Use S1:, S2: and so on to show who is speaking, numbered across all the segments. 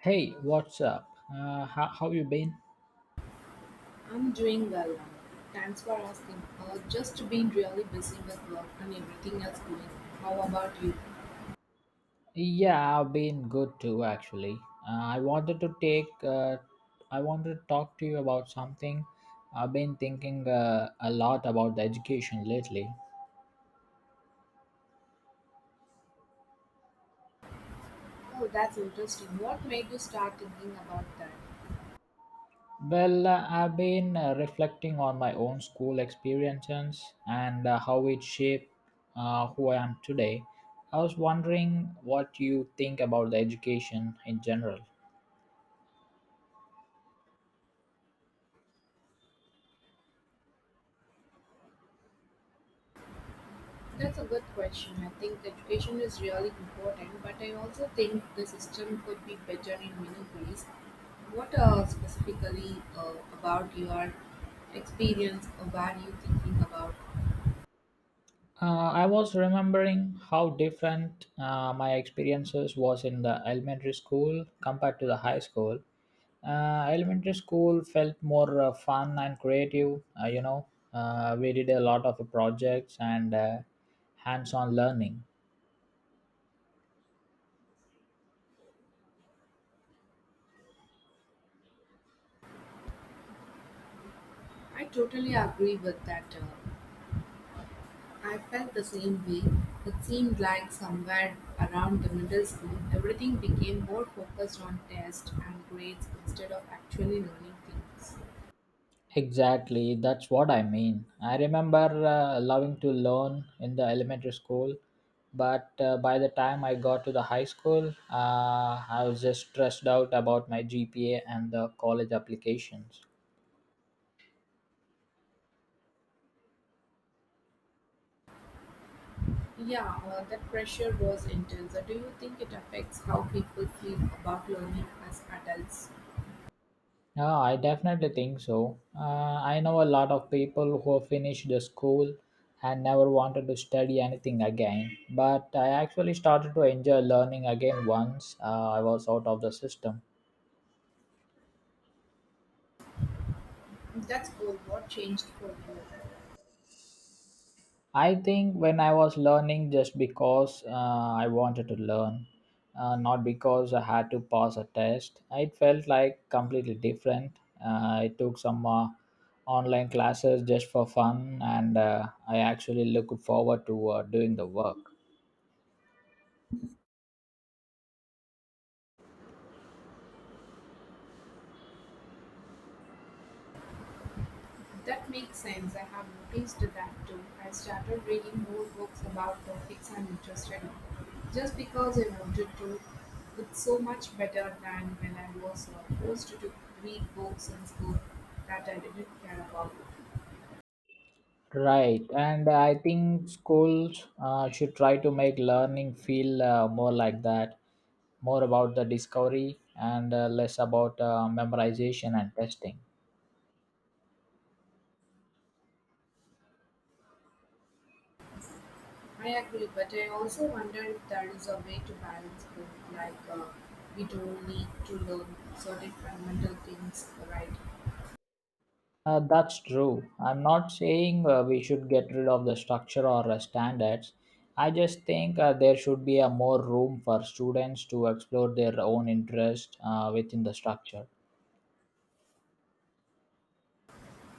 S1: Hey, what's up? How you been?
S2: I'm doing well. Now, thanks for asking. Just been really busy with work and everything else going. How about you?
S1: Yeah, I've been good too, actually. Uh, I wanted to take, uh, I wanted to talk to you about something. I've been thinking a lot about the education lately.
S2: Oh, that's interesting. What made you start thinking about that?
S1: Well, I've been reflecting on my own school experiences and how it shaped who I am today. I was wondering what you think about the education in general.
S2: That's a good question. I think education is really important, but I also think the system could be better in many ways. What specifically about your experience or what are you thinking about?
S1: I was remembering how different my experiences was in the elementary school compared to the high school. Elementary school felt more fun and creative. We did a lot of projects and hands-on learning.
S2: I totally agree with that. I felt the same way. It seemed like somewhere around the middle school, everything became more focused on tests and grades instead of actually learning things.
S1: Exactly, that's what I mean. I remember loving to learn in the elementary school, but by the time I got to the high school, I was just stressed out about my GPA and the college applications.
S2: Yeah, that pressure was intense. Do you think it affects how people feel about learning as adults?
S1: Yeah, I definitely think so. I know a lot of people who finished the school and never wanted to study anything again, but I actually started to enjoy learning again once I was out of the system.
S2: That's all. What changed for you?
S1: I think when I was learning just because I wanted to learn, not because I had to pass a test, it felt like completely different. I took some online classes just for fun and I actually looked forward to doing the work.
S2: That makes sense. I have noticed that too. I started reading more books about topics I'm interested in, just because I wanted to. It's so much better than when I was forced to read books in school that I didn't care about.
S1: Right, and I think schools should try to make learning feel more like that, more about the discovery and less about memorization and testing.
S2: I agree, but I also wonder if there is a way to balance both. Like, we don't need to learn certain fundamental things, right?
S1: That's true. I'm not saying we should get rid of the structure or standards. I just think there should be a more room for students to explore their own interest within the structure.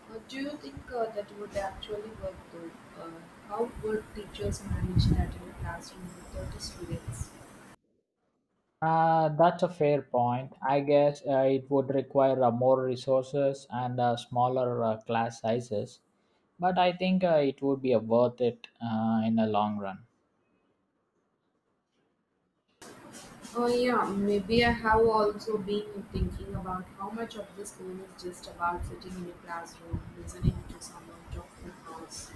S2: Do you think that would actually work though? Uh, how would teachers manage that in a classroom with 30 students?
S1: That's a fair point. I guess it would require more resources and smaller class sizes, but I think it would be worth it in the long run.
S2: Oh, yeah, maybe I have also been thinking about how much of this school is just about sitting in a classroom, listening to someone talk in a house.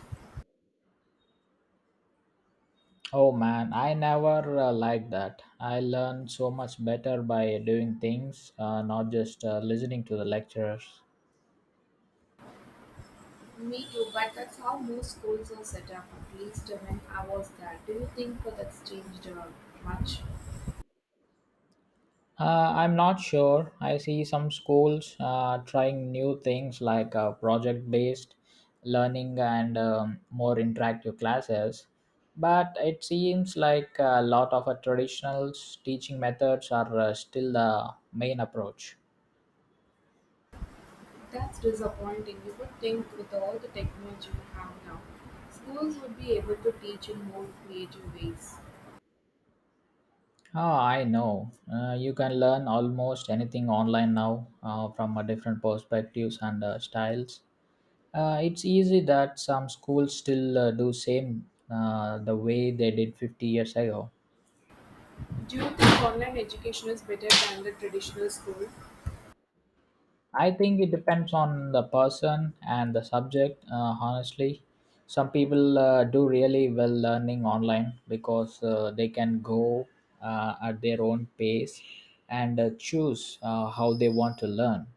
S1: Oh man, I never liked that. I learn so much better by doing things, not just listening to the lecturers.
S2: Me too, but that's how most schools are set up, at least when I was there. Do you think that's changed much?
S1: I'm not sure. I see some schools trying new things like project based learning and more interactive classes, but it seems like a lot of traditional teaching methods are still the main approach.
S2: That's disappointing. You would think with all the technology we have now, schools would be able to teach in more creative ways.
S1: Oh, I know. You can learn almost anything online now from a different perspectives and styles. It's easy that some schools still do same the way they did 50 years ago.
S2: Do you think online education is better than the traditional school?
S1: I think it depends on the person and the subject. Honestly, some people do really well learning online because they can go at their own pace and choose how they want to learn.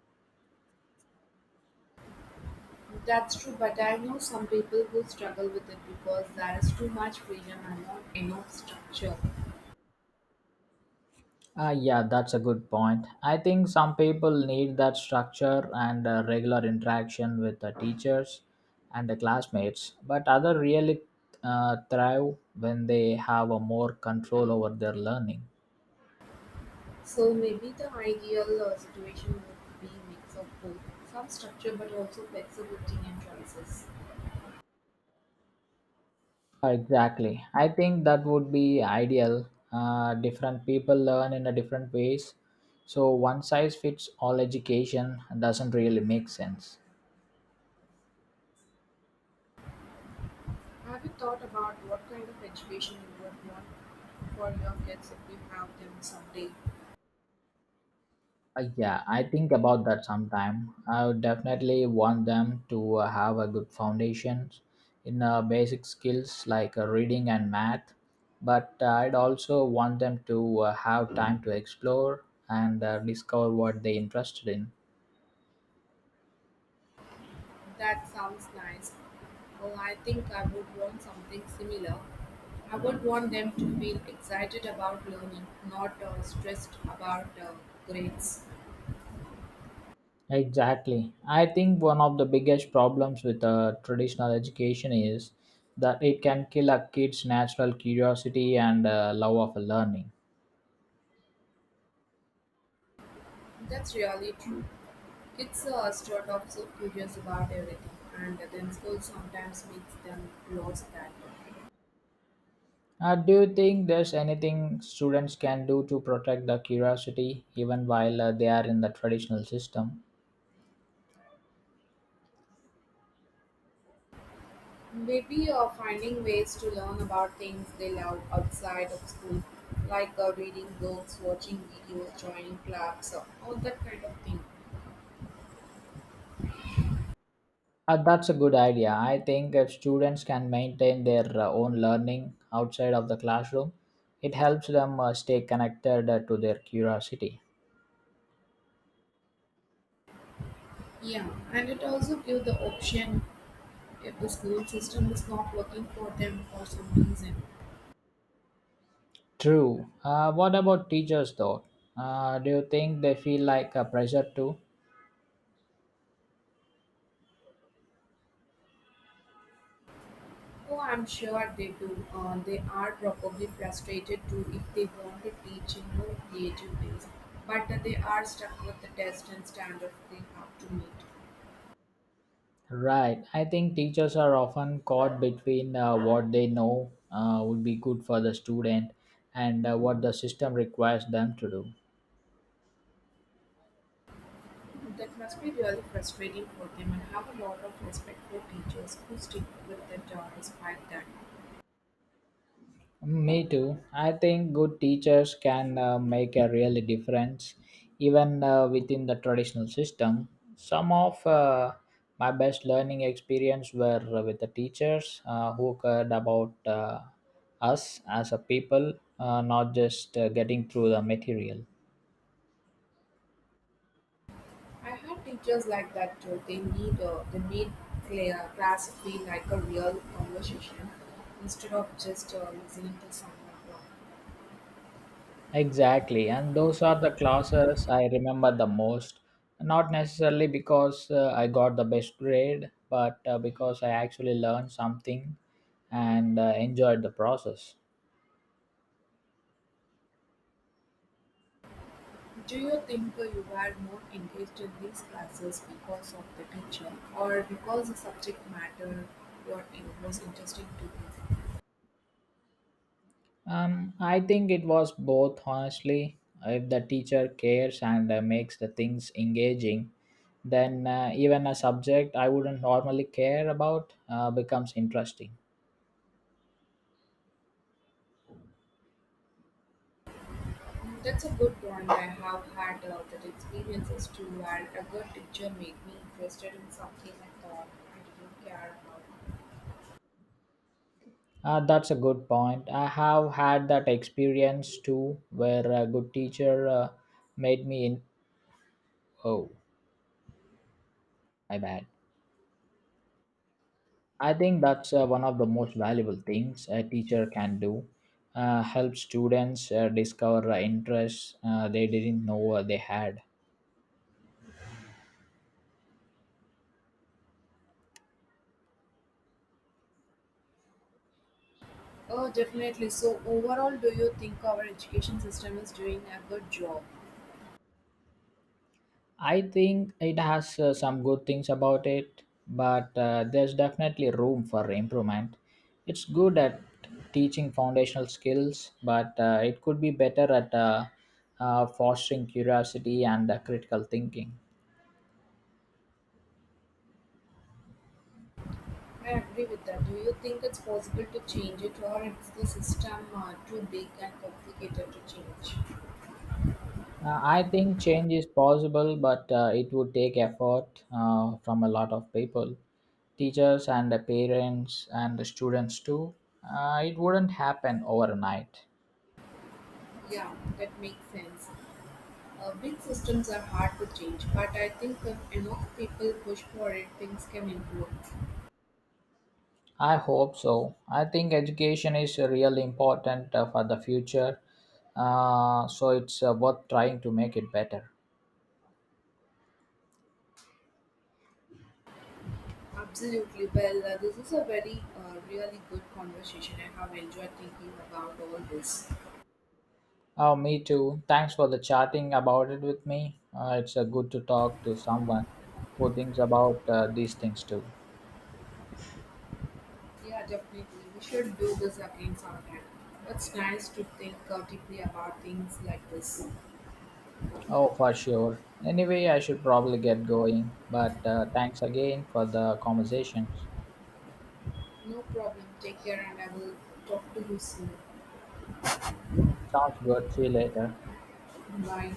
S2: That's true, but I know some people who struggle with it because there is too much freedom and not enough structure.
S1: Yeah, that's a good point. I think some people need that structure and regular interaction with the teachers and the classmates, but others really thrive when they have a more control over their learning.
S2: So maybe the ideal situation would be mix of both, some structure but also flexibility and choices.
S1: Exactly. I think that would be ideal. Different people learn in a different ways, so one size fits all education doesn't really make sense.
S2: Have you thought about what kind of education you would want for your kids if you have them someday?
S1: Yeah, I think about that sometime. I would definitely want them to have a good foundation in basic skills like reading and math, but I'd also want them to have time to explore and discover what they're interested in.
S2: That sounds nice. Well, I think I would want something similar. I would want them to feel excited about learning, not stressed about grades.
S1: Exactly. I think one of the biggest problems with traditional education is that it can kill a kid's natural curiosity and love of learning.
S2: That's really true. Kids start off so curious about everything, and then school sometimes makes them lose that.
S1: Do you think there's anything students can do to protect the curiosity even while they are in the traditional system?
S2: Maybe finding ways to learn about things they love outside of school, like reading books, watching videos, joining clubs, all that kind of thing.
S1: That's a good idea. I think if students can maintain their own learning outside of the classroom, it helps them stay connected to their curiosity.
S2: Yeah, and it also gives the option if the school system is not working for them for some reason.
S1: True. What about teachers though? Do you think they feel like a pressure too?
S2: Oh, I'm sure they do. They are probably frustrated too if they want to teach in more creative ways, but they are stuck with the test and standards they have to meet.
S1: Right. I think teachers are often caught between what they know would be good for the student and what the system requires them to do.
S2: That must be really frustrating for them and have a lot of respect for teachers who stick with it job despite that.
S1: Mm, me too. I think good teachers can make a real difference even within the traditional system. Some of my best learning experience were with the teachers who cared about us as a people, not just getting through the material.
S2: I have teachers like that too. They need clear class feel like a real conversation instead of just listening to someone talk.
S1: Exactly, and those are the classes I remember the most. Not necessarily because I got the best grade, but because I actually learned something and enjoyed the process.
S2: Do you think you were more engaged in these classes because of the teacher or because the subject matter you're in was interesting to you?
S1: I think it was both, honestly. If the teacher cares and makes the things engaging, then even a subject I wouldn't normally care about becomes interesting.
S2: That's a good point. I have had that experiences too, where a good teacher made me interested in something I thought I didn't care about.
S1: That's a good point. I have had that experience too, where a good teacher made me in. Oh, my bad. I think that's one of the most valuable things a teacher can do. Help students discover interests they didn't know they had.
S2: Oh, definitely. So, overall, do you think our education system is doing a good job?
S1: I think it has some good things about it, but there's definitely room for improvement. It's good at teaching foundational skills, but it could be better at fostering curiosity and critical thinking.
S2: I agree with that. Do you think it's possible to change it, or is the system too big and complicated to change?
S1: I think change is possible, but it would take effort from a lot of people, teachers and the parents and the students too. It wouldn't happen overnight.
S2: Yeah, that makes sense. Big systems are hard to change, but I think if enough people push for it, things can improve.
S1: I hope so. I think education is really important for the future, so it's worth trying to make it better.
S2: Absolutely. Well, this is a really good conversation. I have enjoyed thinking about all this.
S1: Oh, me too. Thanks for the chatting about it with me. It's good to talk to someone who thinks about these things too.
S2: Yeah, definitely. We should do this again sometime. It's nice to think deeply about things like this.
S1: Oh, for sure. Anyway, I should probably get going, but thanks again for the conversations.
S2: No problem. Take care, and I will talk to you soon.
S1: Sounds good. See you later.
S2: Bye.